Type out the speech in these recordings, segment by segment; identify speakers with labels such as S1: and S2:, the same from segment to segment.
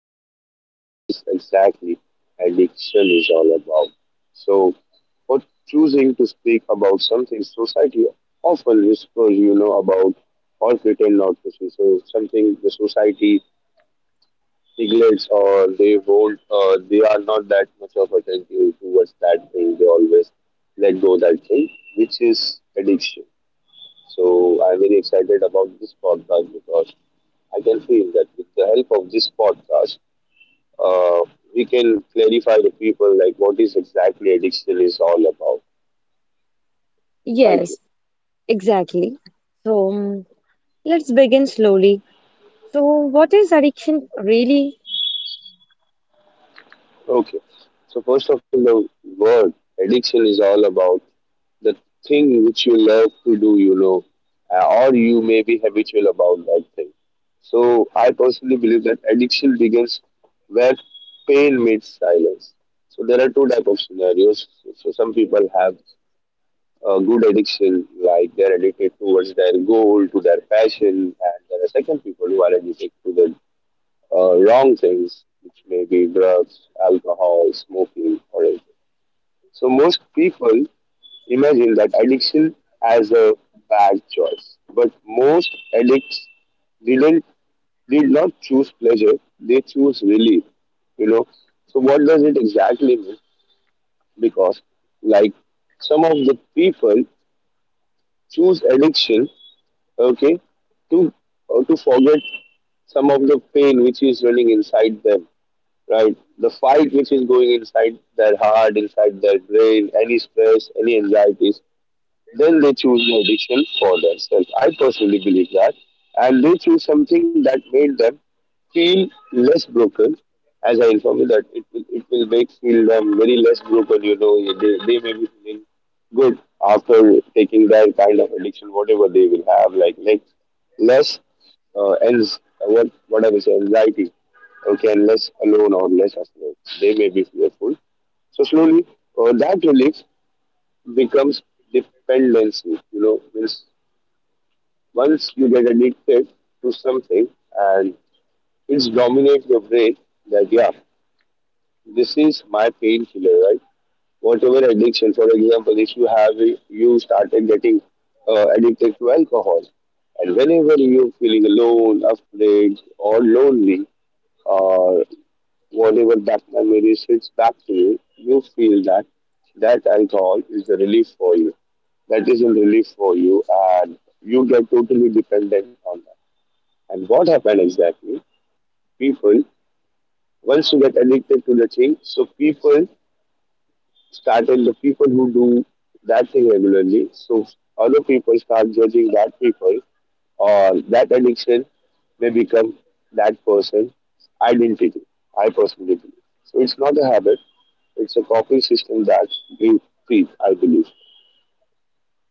S1: know today what is exactly addiction is all about. So, for choosing to speak about something society often whispers, about or pretend not to see. So, something the society neglects or they won't, they are not that much of attentive towards that thing. They always let go that thing, which is addiction. So I'm very excited about this podcast because I can feel that with the help of this podcast, uh, we can clarify the people like what is exactly addiction is all about. So thank you.
S2: Yes, exactly. So, Let's begin slowly. So, what is addiction really?
S1: Okay. So first of all, the word addiction is all about the thing which you love to do, or you may be habitual about that thing. So I personally believe that addiction begins where pain meets silence. So there are two type of scenarios. So some people have a good addiction, like they're addicted towards their goal, to their passion, and there are second people who are addicted to their wrong things, which may be drugs, alcohol, smoking, or anything. So most people imagine that addiction as a bad choice, but most addicts didn't did not choose pleasure; they choose relief. You know. So what does it exactly mean? Because like some of the people choose addiction, okay, to to forget some of the pain which is running inside them, right? The fight which is going inside their heart, inside their brain, any stress, any anxieties, then they choose meditation for themselves. I personally believe that. And they choose something that made them feel less broken. As I inform you that it will make feel them very less broken, they may be feeling good after taking that kind of addiction, whatever they will have, like less ans- what I will say, anxiety, okay, and less alone or less afraid. They may be fearful. So slowly, that relief becomes dependency. You know. Means once you get addicted to something and it's dominate your brain that yeah, this is my painkiller, right? Whatever addiction, for example, if you have you started getting addicted to alcohol, and whenever you're feeling alone, afraid, or lonely, or whatever that memory hits back to you, you feel that that alcohol is a relief for you, that is a relief for you and you get totally dependent on that. And what happened exactly, people, once you get addicted to the thing, so people started the people who do that thing regularly. So other people start judging that people, or that addiction may become that person's identity. I personally believe. So it's not a habit, it's a coping system that we treat, I believe.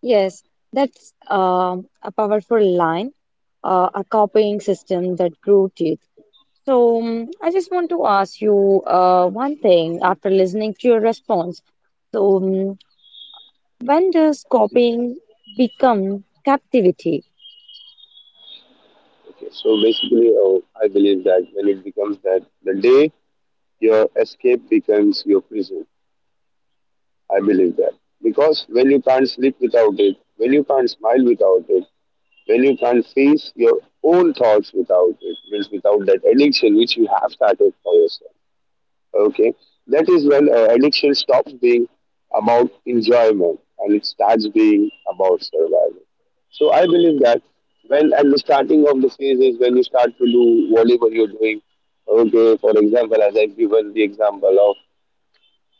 S2: Yes, that's a powerful line, a copying system that grew teeth. I just want to ask you one thing after listening to your response. So, um, when does copying become captivity?
S1: Okay, so basically, I believe that when it becomes that, the day your escape becomes your prison. I believe that. Because when you can't sleep without it, when you can't smile without it, when you can face your own thoughts without it, means without that addiction which you have started for yourself. Okay, that is when addiction stops being about enjoyment and it starts being about survival. So I believe that when at the starting of the phase is when you start to do whatever you're doing. Okay, for example, as I've given the example of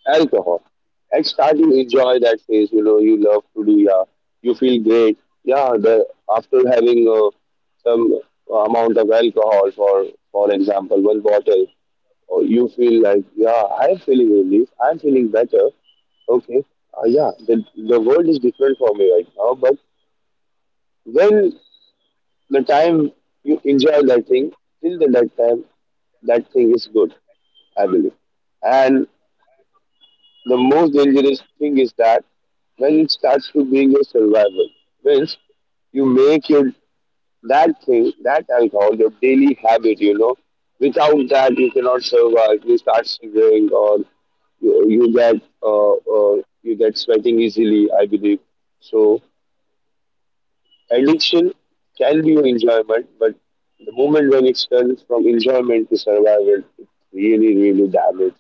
S1: alcohol. At start, you enjoy that phase. You know, you love to do. Yeah, you feel great. Yeah, the after having some amount of alcohol, for example, one bottle, or you feel like, yeah, I'm feeling relief. I'm feeling better. Okay, yeah, the world is different for me right now. But when the time you enjoy that thing, till the that time, that thing is good. I believe, and the most dangerous thing is that when it starts to being your survival, means you make your that thing, that alcohol, your daily habit, you know. Without that, you cannot survive. You start shivering, or you get you get sweating easily. I believe so. Addiction can be your enjoyment, but the moment when it turns from enjoyment to survival, it really, really damages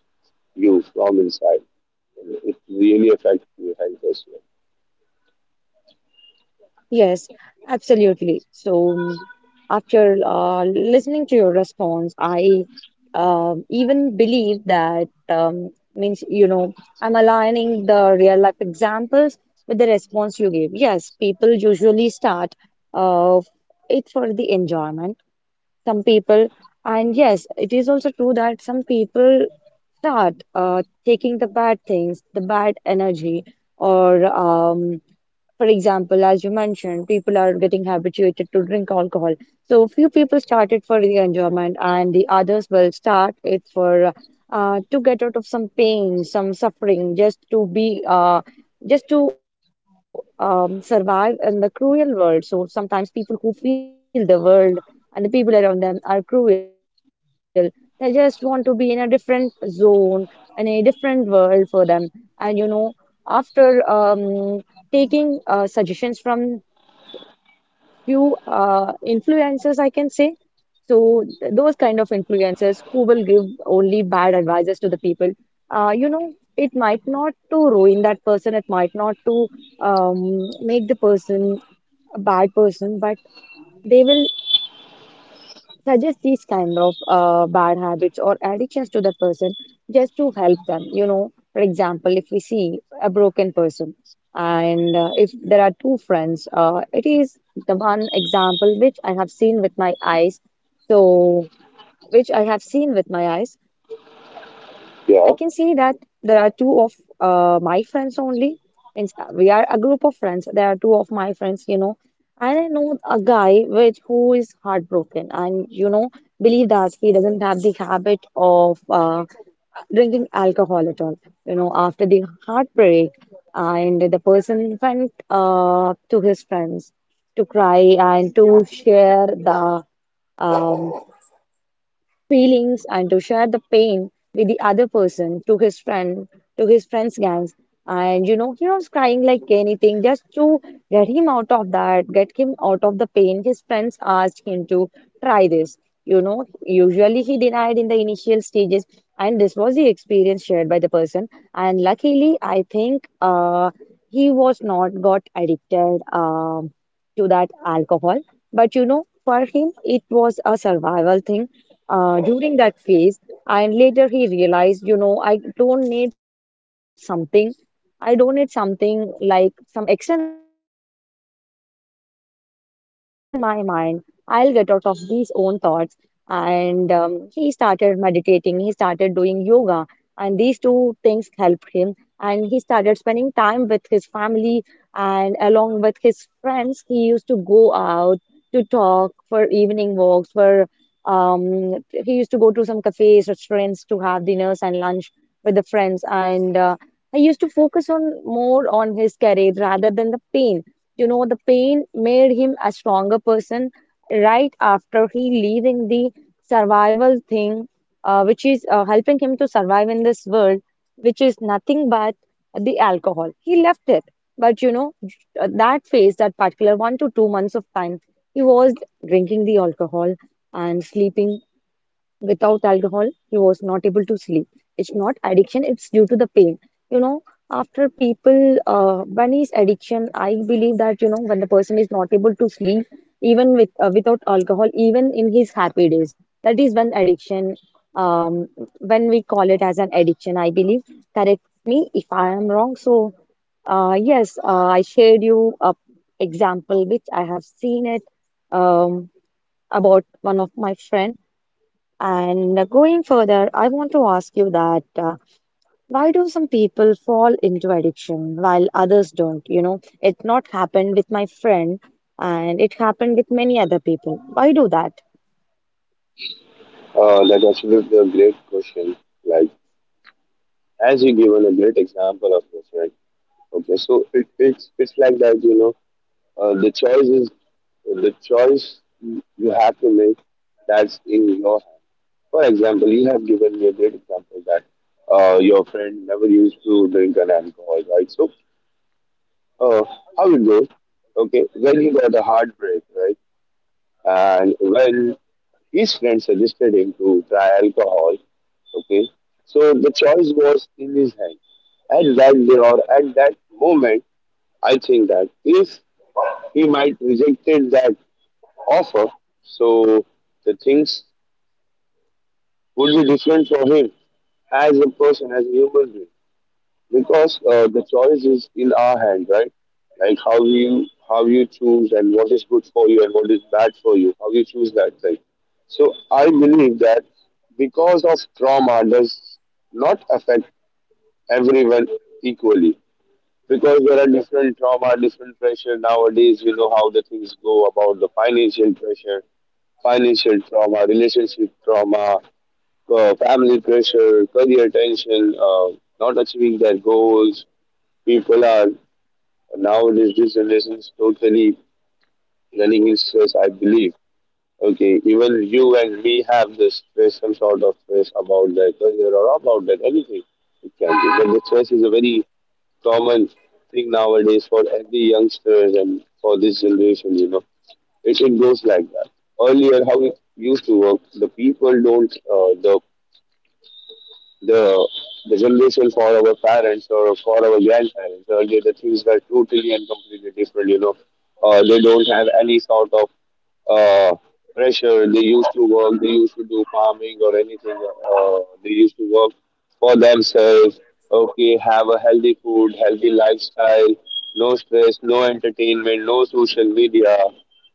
S1: you from inside. It really affects your health as well.
S2: Yes, absolutely. After listening to your response, I even believe that means you know I'm aligning the real life examples with the response you gave. Yes, people usually start uh, it for the enjoyment. Some people, and yes, it is also true that some people start taking the bad things, the bad energy, or for example, as you mentioned, people are getting habituated to drink alcohol. So few people start it for the enjoyment, and the others will start it for to get out of some pain, some suffering, just to be just to survive in the cruel world. So sometimes people who feel the world and the people around them are cruel. They just want to be in a different zone, in a different world for them. And you know, after taking suggestions from few influencers, I can say. So those kind of influencers who will give only bad advices to the people, you know, it might not to ruin that person, it might not to make the person a bad person, but they will suggest these kind of bad habits or addictions to the person just to help them, you know. For example, if we see a broken person and if there are two friends, it is the one example which I have seen with my eyes, so which I have seen with my eyes
S1: Yeah,
S2: I can say that there are two of my friends only. Means We are a group of friends. There are two of my friends, you know. And I know a guy which who is heartbroken, and you know, believe that he doesn't have the habit of drinking alcohol at all. You know, after the heartbreak, and the person went to his friends to cry and to share the um, feelings and to share the pain with the other person, to his friend, to his friends gangs. And you know, he was crying like anything, just to get him out of that, get him out of the pain. His friends asked him to try this, you know. Usually he denied in the initial stages, and this was the experience shared by the person. And luckily I think he was not got addicted to that alcohol. But you know, for him, it was a survival thing during that phase. And later he realized, you know, I don't need something. I don't need something like some external thing for me to get out of this. You know, the thoughts are in my mind. I'll get out of these own thoughts. And he started meditating, he started doing yoga, and these two things helped him. And he started spending time with his family, and along with his friends, he used to go out to talk, for evening walks, for he used to go to some cafes, restaurants to have dinners and lunch with the friends. And I used to focus on more on his career rather than the pain. You know, the pain made him a stronger person right after he leaving the survival thing, which is helping him to survive in this world, which is nothing but the alcohol. He left it, but you know, that phase, that particular 1 to 2 months of time, he was drinking the alcohol and sleeping. Without alcohol he was not able to sleep. It's not addiction, it's due to the pain, you know. After people bunny's addiction, I believe that, you know, when the person is not able to sleep even with without alcohol even in his happy days, that is when addiction um when we call it as an addiction, I believe. Correct me if I am wrong. So yes, I shared you a example which I have seen it, um about one of my friend. And going further, I want to ask you that why do some people fall into addiction while others don't? You know, it not happened with my friend, and it happened with many other people. Why do that?
S1: that actually is a great question. Like, as you given a great example of this, right? Okay, so it, it's like that, you know. Uh, the choice is the choice you have to make. That's in your hand. For example, you have given me a great example that your friend never used to drink an alcohol, right? So, uh, how it goes? Okay, when he got a heartbreak, right? And when his friend suggested him to try alcohol, okay, so the choice was in his hand. At that day or at that moment, I think that if he might rejected that offer, so the things would be different for him as a person, as a human being, because the choice is in our hand, right? Like how you choose and what is good for you and what is bad for you, how you choose that thing. So I believe that because of trauma does not affect everyone equally, because there are different trauma, different pressure nowadays. You know how the things go about the financial pressure, financial trauma, relationship trauma, family pressure, career tension, not achieving their goals. People are nowadays this generation is totally running in stress. I believe. Okay, even you and me have the stress, some sort of stress about their career or about that anything it can be. But the stress is a very common thing nowadays for every youngsters and for this generation, you know. It goes like that. Earlier, how it used to work, the people don't, the, the generation for our parents or for our grandparents, earlier the things were totally and completely different, you know. They don't have any sort of uh, pressure. They used to work, they used to do farming or anything. Uh, they used to work for themselves. Okay, have a healthy food, healthy lifestyle, no stress, no entertainment, no social media,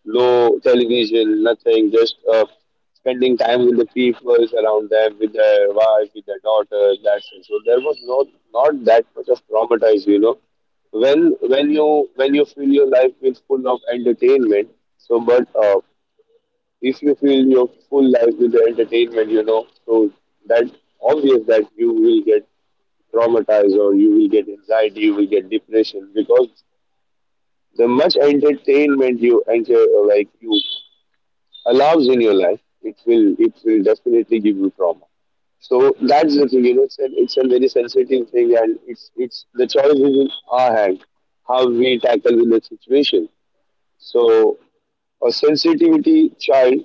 S1: no television, nothing. Just spending time with the people around them, with their wife, with their daughters. That's it. So there was no not that much of traumatized, you know. When you fill your life with full of entertainment, so but if you fill your full life with the entertainment, you know, so that obvious that you will get traumatized or you will get anxiety, you will get depression because the much entertainment you enter or like you allows in your life, it will definitely give you trauma. So that's the thing, you know, it's a very sensitive thing, and it's the choice is in our hand how we tackle with the situation. So a sensitivity child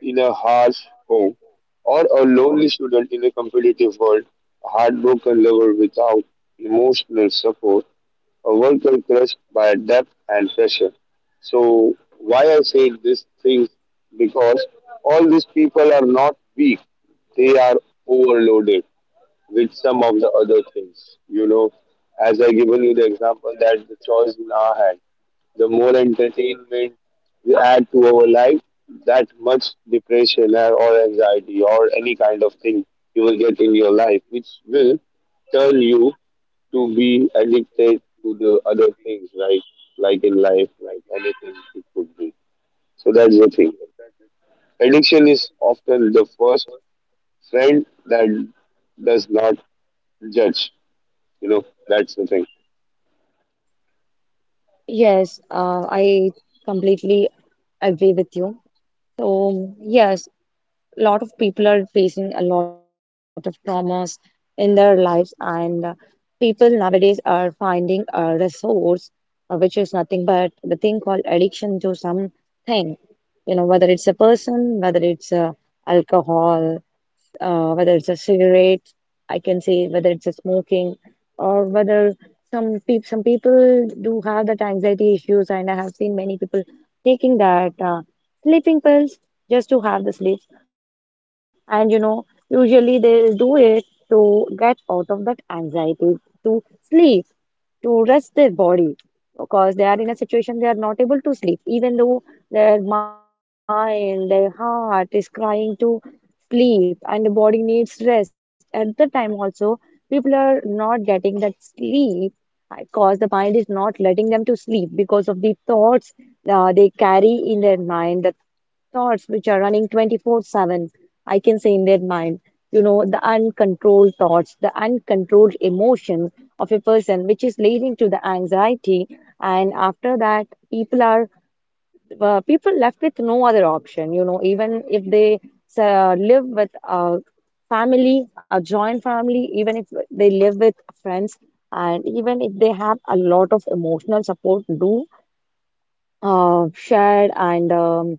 S1: in a harsh home, or a lonely student in a competitive world, a heartbroken lover without emotional support, a worker crushed by debt and pressure. So, why I say these things? Because all these people are not weak, they are overloaded with some of the other things. You know, as I given you the example that the choice in our hand, the more entertainment we add to our life, that much depression or anxiety or any kind of thing you will get in your life, which will turn you to be addicted to the other things, right? Like in life, like anything it could be. So that's the thing. Addiction is often the first friend that does not judge. You know, that's the thing.
S2: Yes, I completely agree with you. So, yes, a lot of people are facing a lot of traumas in their lives, and people nowadays are finding a resource which is nothing but the thing called addiction to something. You know, whether it's a person, whether it's alcohol, whether it's a cigarette, I can say whether it's a smoking, or whether some people do have that anxiety issues, and I have seen many people taking that sleeping pills just to have the sleep. And you know, usually they do it to get out of that anxiety, to sleep, to rest their body, because they are in a situation they are not able to sleep even though their mind, their heart is crying to sleep and the body needs rest. At the time also, people are not getting that sleep because the mind is not letting them to sleep because of the thoughts they carry in their mind, the thoughts which are running 24/7, I can say, in their mind. You know, the uncontrolled thoughts, the uncontrolled emotion of a person which is leading to the anxiety. And after that, people are people left with no other option, you know, even if they live with a family, a joint family, even if they live with friends, and even if they have a lot of emotional support do uh, shared and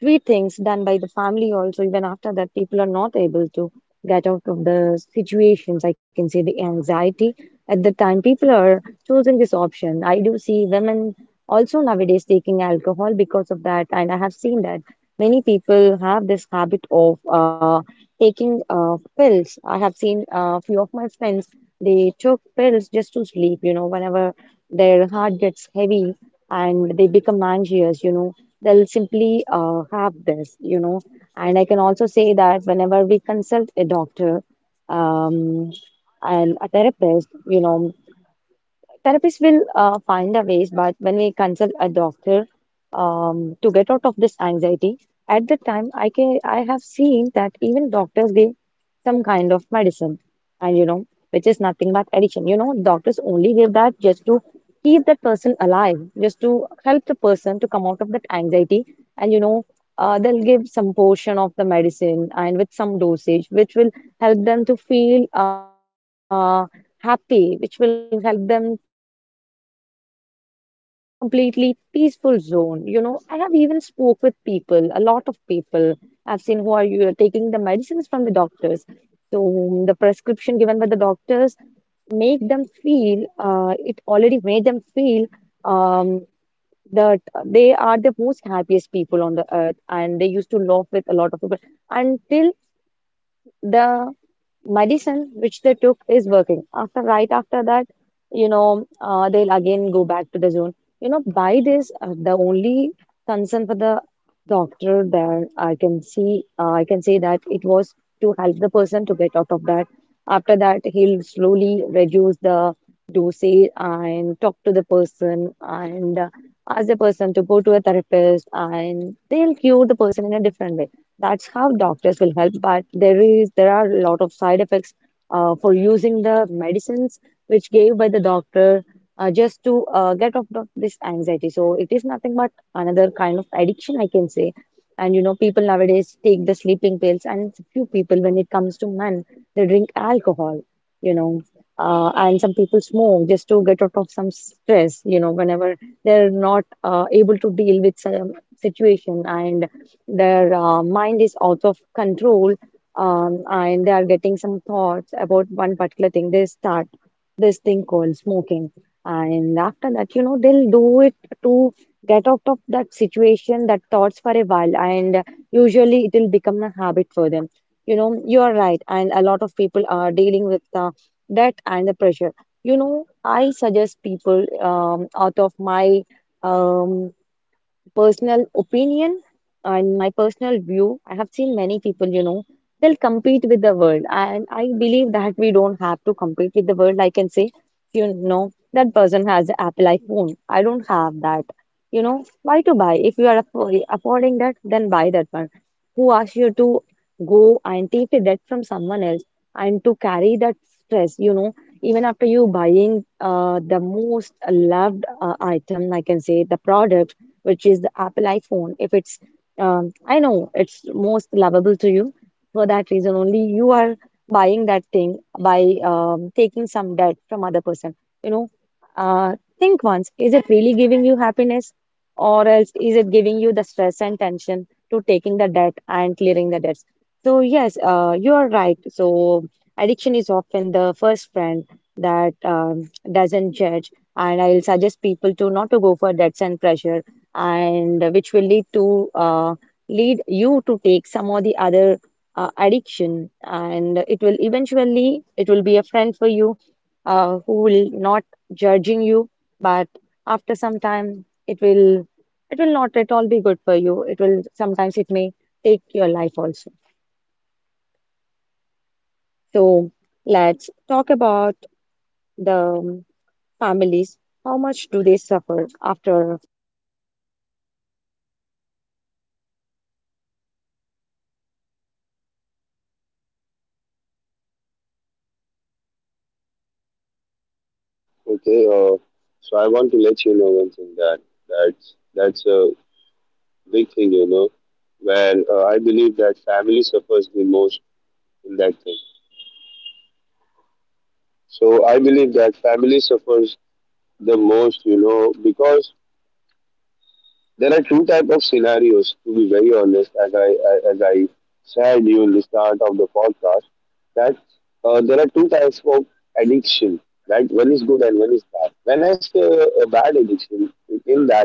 S2: sweet things done by the family also, even after that people are not able to get out of the situations, I can say the anxiety. At the time, people are choosing this option. I do see women also nowadays taking alcohol because of that. And I have seen that many people have this habit of taking pills. I have seen a few of my friends, they took pills just to sleep, you know, whenever their heart gets heavy and they become anxious. They'll simply have this. And I can also say that whenever we consult a doctor um, and a therapist, you know, therapists will find a ways, but when we consult a doctor to get out of this anxiety, at the time I can, I have seen that even doctors give some kind of medicine, and you know, which is nothing but addiction. You know, doctors only give that just to keep that person alive, just to help the person to come out of that anxiety, and you know, they'll give some portion of the medicine and with some dosage, which will help them to feel. Happy, which will help them to be in a completely peaceful zone. You know, I have even spoke with people, a lot of people I've seen who are you taking the medicines from the doctors. So the prescription given by the doctors make them feel, it already made them feel um, that they are the most happiest people on the earth, and they used to laugh with a lot of people until the medicine which they took is working. After right after that, you know, they'll again go back to the zone. You know, by this, the only concern for the doctor there, I can see, I can say, that it was to help the person to get out of that. After that, he'll slowly reduce the dosage and talk to the person and ask the person to go to a therapist, and they'll cure the person in a different way. That's how doctors will help, but there is, there are a lot of side effects for using the medicines which gave by the doctor just to get off of this anxiety. So it is nothing but another kind of addiction, I can say. And you know, people nowadays take the sleeping pills, and few people, when it comes to men, they drink alcohol, you know, and some people smoke just to get out of some stress, you know, whenever they're not able to deal with some situation and their mind is out of control, and they are getting some thoughts about one particular thing. They start this thing called smoking, and after that, you know, they'll do it to get out of that situation, that thoughts for a while, and usually it will become a habit for them. You know, you are right, and a lot of people are dealing with the debt and the pressure. You know, I suggest people out of my um, personal opinion and my personal view, I have seen many people, you know, they'll compete with the world. And I believe that we don't have to compete with the world. I can say, you know, that person has the Apple iPhone. I don't have that. You know, why to buy? If you are affording that, then buy that one. Who asked you to go and take the debt from someone else and to carry that stress, you know, even after you buying the most loved item, I can say the product which is the Apple iPhone, if it's, I know it's most lovable to you. For that reason only, you are buying that thing by taking some debt from other person. You know, think once, is it really giving you happiness, or else is it giving you the stress and tension to taking the debt and clearing the debts? So yes, you are right. So addiction is often the first friend that doesn't judge, and I'll suggest people to not to go for debts and pressure, and which will lead to lead you to take some or the other addiction, and it will eventually it will be a friend for you, who will not judging you, but after some time, it will not at all be good for you. It will sometimes it may take your life also. So let's talk about the families. How much do they suffer after?
S1: Okay. So I want to let you know one thing that that's a big thing, you know, where I believe that family suffers the most in that thing. So I believe that family suffers the most, you know, because there are two type of scenarios. To be very honest, as I said you in the start of the podcast, that there are two types of addiction. Right, one is good and one is bad. When I say a bad addiction, in that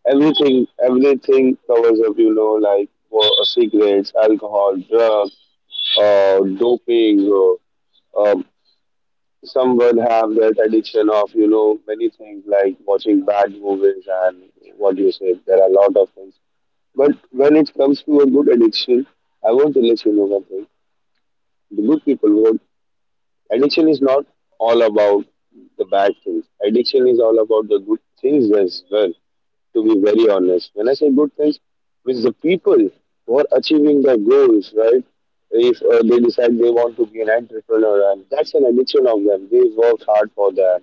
S1: everything covers up, you know, like cigarettes, alcohol, drugs, doping. Or, um, some would have that addiction of you know many things like watching bad movies and what you say. There are a lot of things. But when it comes to a good addiction, I want to let you know one thing. The good people, what addiction is not all about the bad things. Addiction is all about the good things as well. To be very honest. When I say good things, with the people who are achieving their goals, right? If they decide they want to be an entrepreneur, and that's an addiction of them. They work hard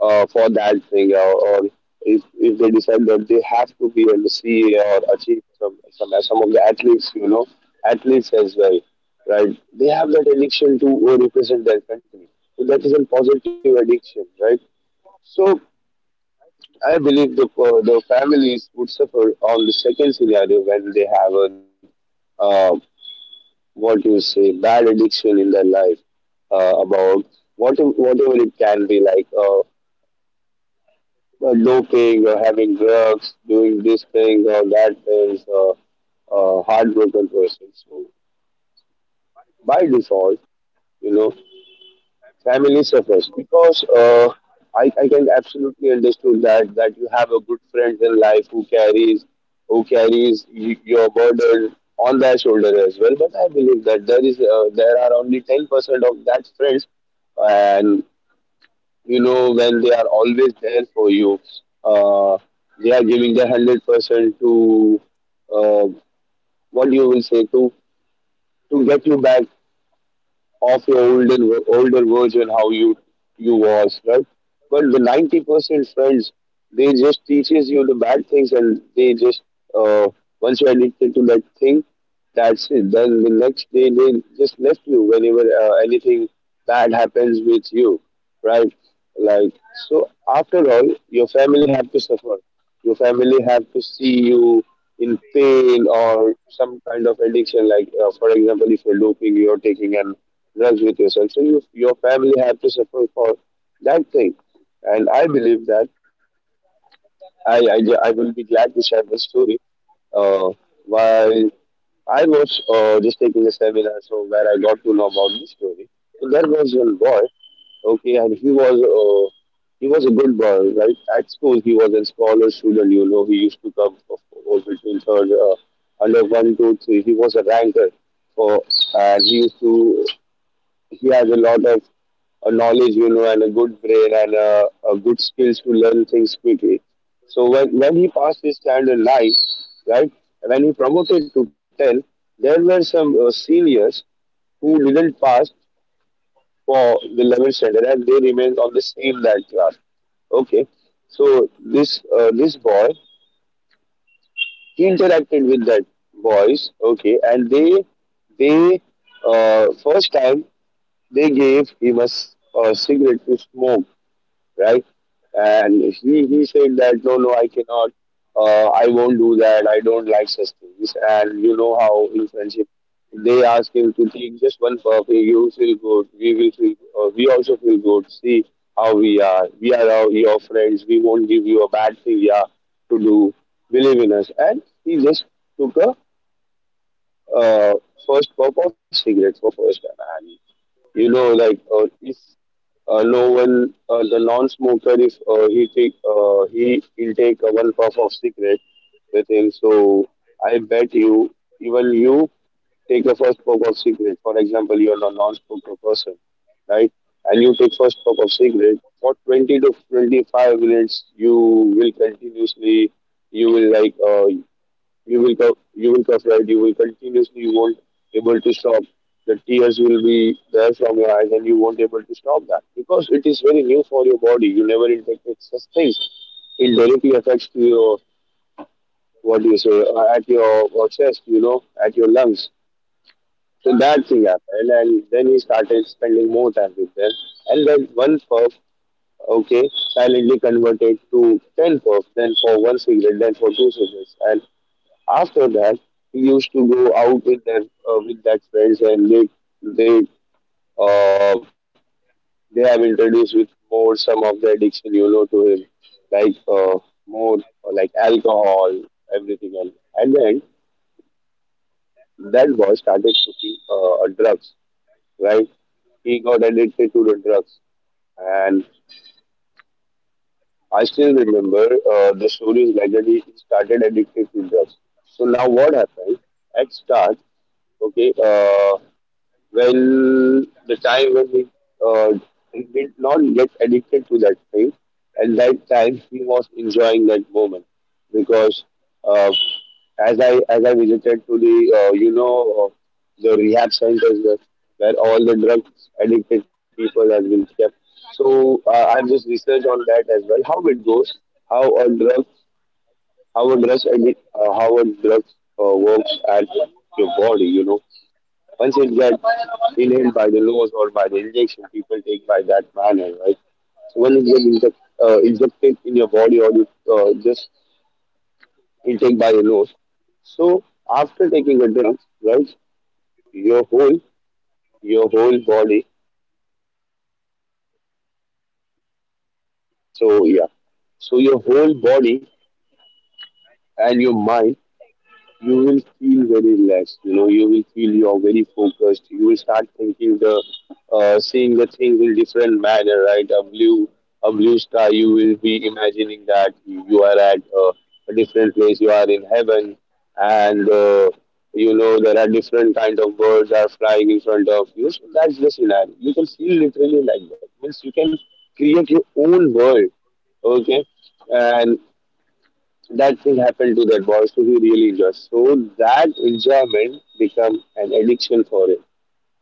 S1: for that thing, or if they decide that they have to be on the or achieve some, some of the athletes, you know, athletes as well, right? They have that addiction to represent their country. So that is a positive addiction, right? So I believe the families would suffer on the second scenario when they have a uh, what you say bad addiction in their life about whatever it can be like doping or having drugs, doing this thing or that thing or heartbroken person. So by default, you know, family suffers because I can absolutely understood that you have a good friend in life who carries your burden on their shoulder as well, but I believe that there is there are only 10% of that friends, and you know, when they are always there for you, uh, they are giving their 100% to uh, what you will say to get you back of your olden older version how you was right, but the 90% friends, they just teaches you the bad things, and they just uh, once you're addicted to that thing, that's it, then the next day they just left you whenever anything bad happens with you, right, like, so after all your family have to suffer, your family have to see you in pain or some kind of addiction like for example, if you're doping, you're taking an drugs with yourself. So you, your family have to suffer for that thing. And I believe that I will be glad to share this story. Uh, while I was just taking a seminar, so where I got to know about this story. So there was one boy, okay, and he was a good boy, right? At school, he was a scholar student. You know, he used to come for between third under one, two, three. He was a ranker, for, and he used to he has a lot of knowledge, you know, and a good brain and good skills to learn things quickly. So when he passed his standard nine, right, when he promoted to 10, there were some seniors who didn't pass for the 11th standard and they remained on the same that class. Okay, so this boy, he interacted with that boys, okay, and they first time they gave him a cigarette to smoke, right? And he said that no, no, I cannot, I won't do that. I don't like such things. And you know how in friendship they ask him to take just one puff. Hey, you feel good. We will feel. We also feel good. See how we are. We are our, your friends. We won't give you a bad thing. Yeah, to do. Believe in us. And he just took a uh, first puff of cigarettes for first time. And you know, like if no one, the non-smoker, if he will take a one puff of cigarette with him. So I bet you, even you take the first puff of cigarette. For example, you are a non-smoker person, right? And you take first puff of cigarette for 20 to 25 minutes. You will continuously, you will like, you will you will cough, right. You will continuously. You won't able to stop. The tears will be there from your eyes, and you won't able to stop that because it is very new for your body. You never infected such things. It directly affects to your what do you say at your chest. You know, at your lungs. So that thing happened, and then he started spending more time with them. And then one puff, okay, silently converted to ten puffs, then for one cigarette, then for two cigarettes, and after that, he used to go out with that friends, and they uh, they have introduced with more some of the addiction, you know, to him, like more like alcohol, everything, and at the end, that boy started cooking drugs, right? He got addicted to the drugs. And I still remember the stories like that he started addicted to drugs. So now what happened? At start, okay, uh, well, the time when uh, he did not get addicted to that thing, at that time he was enjoying that moment because uh, as I visited to the you know the rehab centers where all the drugs addicted people have been kept. So I've just researched on that as well. How it goes, how a drug, how a drug addict, how a drug works at your body, you know. Once it gets inhaled by the nose or by the injection people take by that manner, right? So when it gets injected in your body or you just intake by the nose. So after taking a drug, right, your whole your whole body. So yeah, so your whole body and your mind you will feel very relaxed. You know, you will feel you're very focused. You will start thinking the, seeing the things in different manner, right? A blue sky. You will be imagining that you are at a different place. You are in heaven, and you know there are different kind of birds are flying in front of you. So that's the scenario. You can feel literally like that. Means you can create your own world, okay, and that thing happened to that boy, so he really enjoys. So that enjoyment become an addiction for him.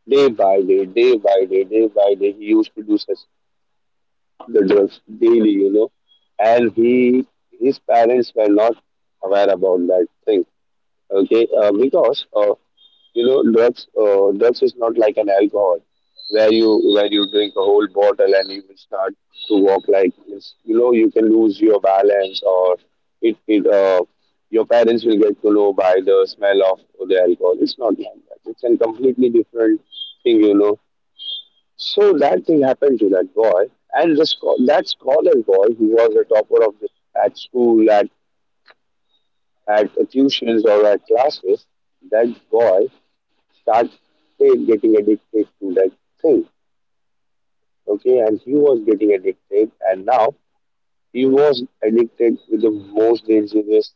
S1: Day by day, day by day, day by day, he used to do such the drugs daily, you know, and he his parents were not aware about that thing. Okay, because you know drugs drugs is not like an alcohol where you drink a whole bottle and you will start to walk like this, you know, you can lose your balance or it your parents will get to know by the smell of the alcohol. It's not like that. It's a completely different thing, you know. So that thing happened to that boy, and that scholar boy who was a topper of the at school at tuitions or at classes, that boy started getting addicted to that thing. Okay, and he was getting addicted, and now he was addicted with the most dangerous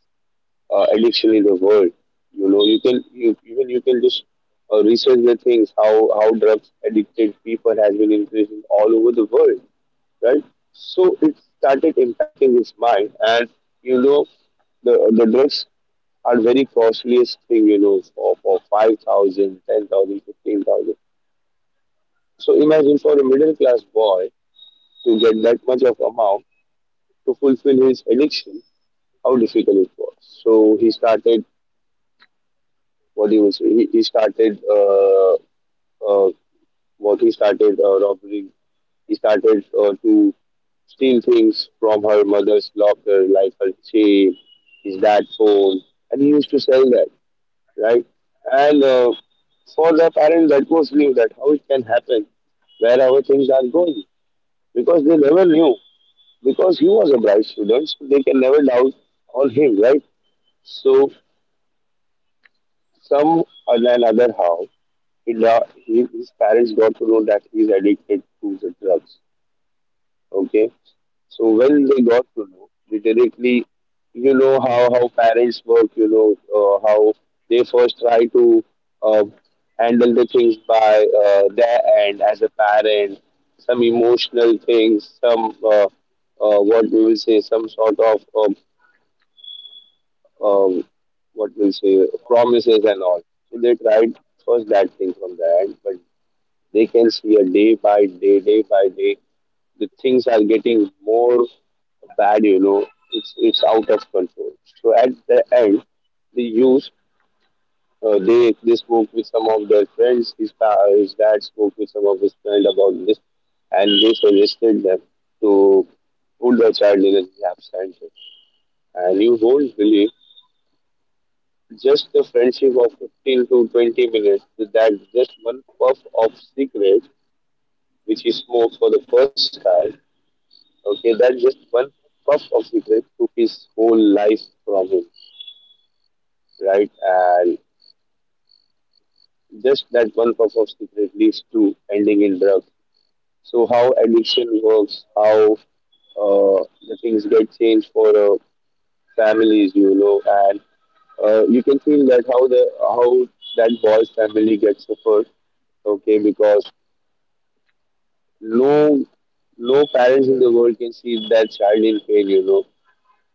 S1: addiction in the world. You know, you can you can just research the things how drugs addicted people has been increasing all over the world, right? So it started impacting his mind, and you know the drugs are very costliest thing, you know, for 5,000, 10,000, 15,000. So imagine for a middle class boy to get that much of amount to fulfill his addiction, how difficult it was. So he started, what he was, he started, uh, what he started robbing, he started to steal things from her mother's locker, like her chain, his dad's phone, and he used to sell that, right? And for the parents, that was new, that how it can happen, where our things are going, because they never knew. Because he was a bright student, so they can never doubt on him, right? So some and another how he, da- he his parents got to know that he's addicted to the drugs, okay. So when they got to know, literally, you know how parents work. You know how they first try to uh, handle the things by their end as a parent. Some emotional things, some what we will say, some sort of um, what we'll say promises and all. So they tried first that thing from the end, but they can see a day by day the things are getting more bad, you know, it's out of control, so at the end the youth they spoke with some of their friends, his dad spoke with some of his friends about this, and they suggested them to put the child in a rehab center, and you won't believe just the friendship of 15 to 20 minutes with that just one puff of cigarette which he smoked for the first time. Okay, that's just one puff of cigarette took his whole life from him, right? And just that one puff of cigarette leads to ending in drugs. So how addiction works, how the things get changed for families, you know, and you can feel that how the how that boy's family gets suffered, okay, because no no parents in the world can see that child in pain, you know,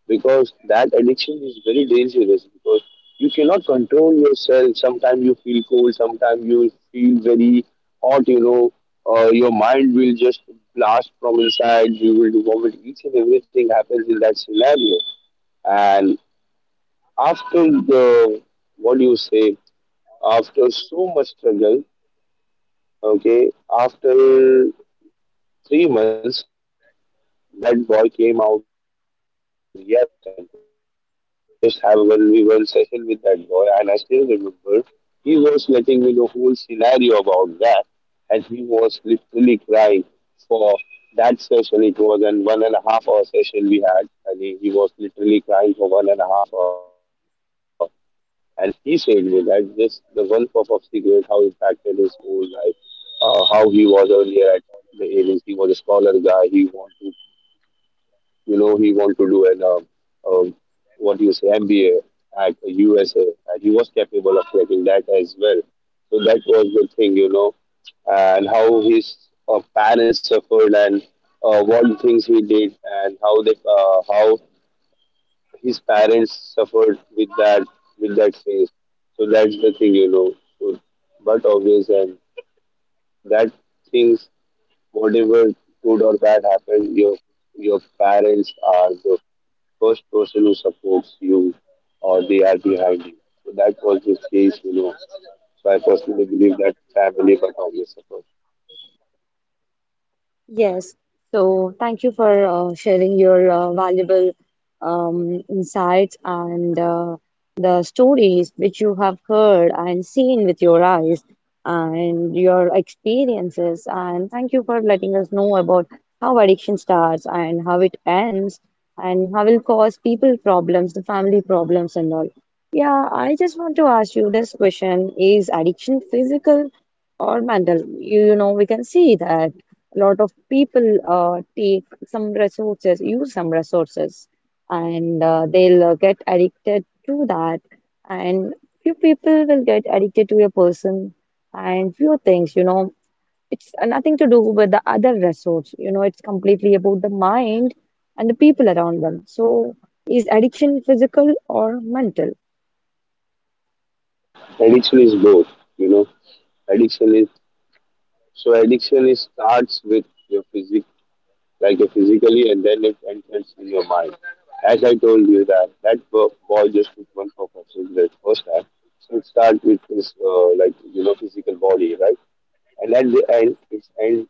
S1: because that addiction is very dangerous because you cannot control yourself. Sometimes you feel cold, sometimes you feel very hot, you know. Your mind will just blast from inside, you will do vomit, each and everything happens in that scenario. And after the, what do you say, after so much struggle, okay, after three months that boy came out of the rehab center. And I I just have a one v one session with that boy, and I still remember he was letting me know whole scenario about that, and he was literally crying for that session. It was an 1.5 hour session we had, and he was literally crying for 1.5 hour. And he said me that this the one puff of cigarette how impacted his whole life, how he was earlier at the agency, he was a scholar guy. He wanted to, you know, he want to do an um, what do you say, MBA at USA, and he was capable of making that as well. So that was the thing, you know. And how his parents suffered, and what things he did, and how they how his parents suffered with that, with that phase. So that's the thing, you know. So, but obvious, and that things, whatever good or bad happened, your parents are the first person who supports you, or they are behind you. So that was this case, you know. So I personally believe that family but always support.
S2: Yes. So thank you for sharing your valuable insights and the stories which you have heard and seen with your eyes and your experiences. And thank you for letting us know about how addiction starts and how it ends and how will cause people problems, the family problems and all. Yeah, I just want to ask you this question. Is addiction physical or mental? You know, we can see that a lot of people take some resources, use some resources, and they'll get addicted to that. And few people will get addicted to a person and few things, you know. It's nothing to do with the other resource, you know, it's completely about the mind and the people around them. So, is addiction physical or mental?
S1: Addiction is both, you know. Addiction is, so addiction is starts with your physic, like your physically, and then it enters in your mind. As I told you that that boy just took one for the first time. So it starts with his like you know physical body, right? And at the end, it's end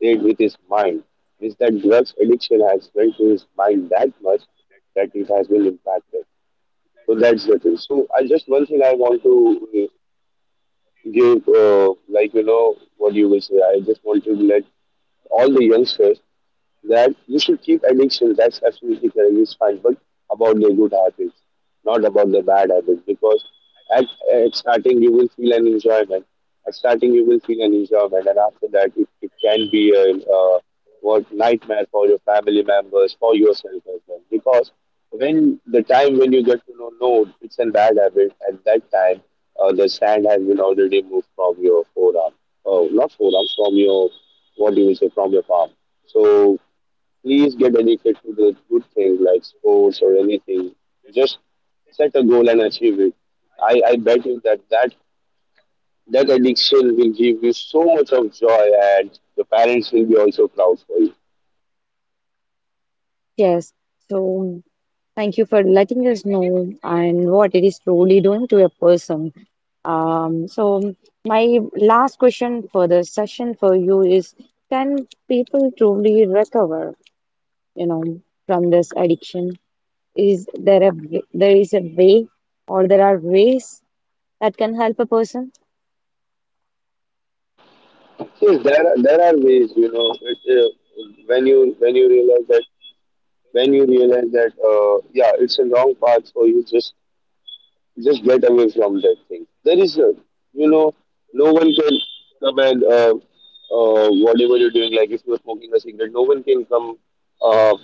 S1: played with his mind, means that drugs addiction has went to his mind that much that it has been impacted. So that's the thing. So I just one thing I want to give, like you know, what you will say. I just want to let all the youngsters that you should keep addiction. That's absolutely correct. It's fine, but about the good habits, not about the bad habits. Because at, at starting you will feel an enjoyment. At starting you will feel an enjoyment, and after that it can be a what nightmare for your family members, for yourself as well. Because when the time when you get to know, no, it's a bad habit. At that time, the sand has been already moved from your forearm. Oh, not forearm, from your, what do you say, from your palm. So please get addicted to the good things like sports or anything. Just set a goal and achieve it. I bet you that, that addiction will give you so much of joy, and your parents will be also proud for you.
S2: Yes. So, thank you for letting us know and what it is truly doing to a person. So my last question for the session for you is, can people truly recover, you know, from this addiction? Is there there is a way, or there are ways that can help a person?
S1: Yes, there are ways, you know, it, when you realize that, when you realize that yeah, it's a wrong path for you, just get away from that thing. There is a, you know, no one can come and whatever you're doing, like if you're smoking a cigarette, no one can come uh,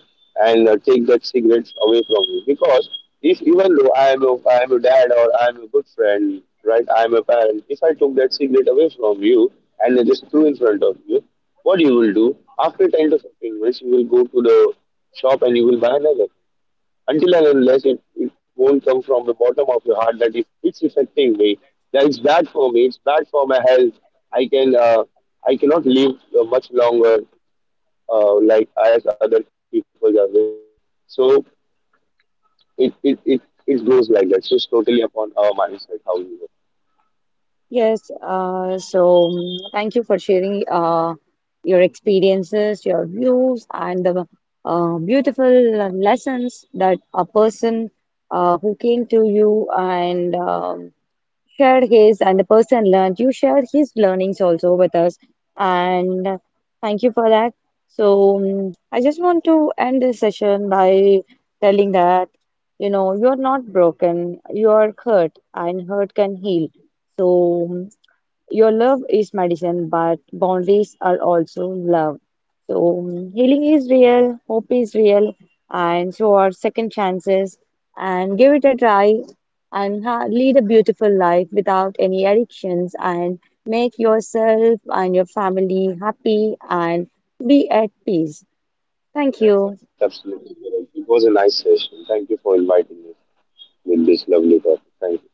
S1: and take that cigarette away from you. Because if even though I am a dad or I am a good friend, right, I am a parent, if I took that cigarette away from you and I just threw in front of you, what you will do after 10 to 15 minutes, you will go to the shop and you will buy another. Until and unless it won't come from the bottom of your heart that it's affecting me, that it's bad for me, it's bad for my health. I can I cannot live much longer, like as other people are living. So it it goes like that. So it's totally upon our mindset how we live.
S2: Yes, so thank you for sharing your experiences, your views, and the beautiful lessons that a person who came to you and shared his, and the person learned, you shared his learnings also with us. And thank you for that. So I just want to end this session by telling that, you know, you're not broken, you're hurt, and hurt can heal. So your love is medicine, but boundaries are also love. So healing is real, hope is real, and so are second chances. And give it a try and ha lead a beautiful life without any addictions and make yourself and your family happy and be at peace. Thank you.
S1: That's absolutely correct, it was a nice session, thank you for inviting me with this lovely topic. Thank you.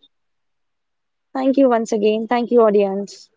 S2: Thank you once again. Thank you, audience.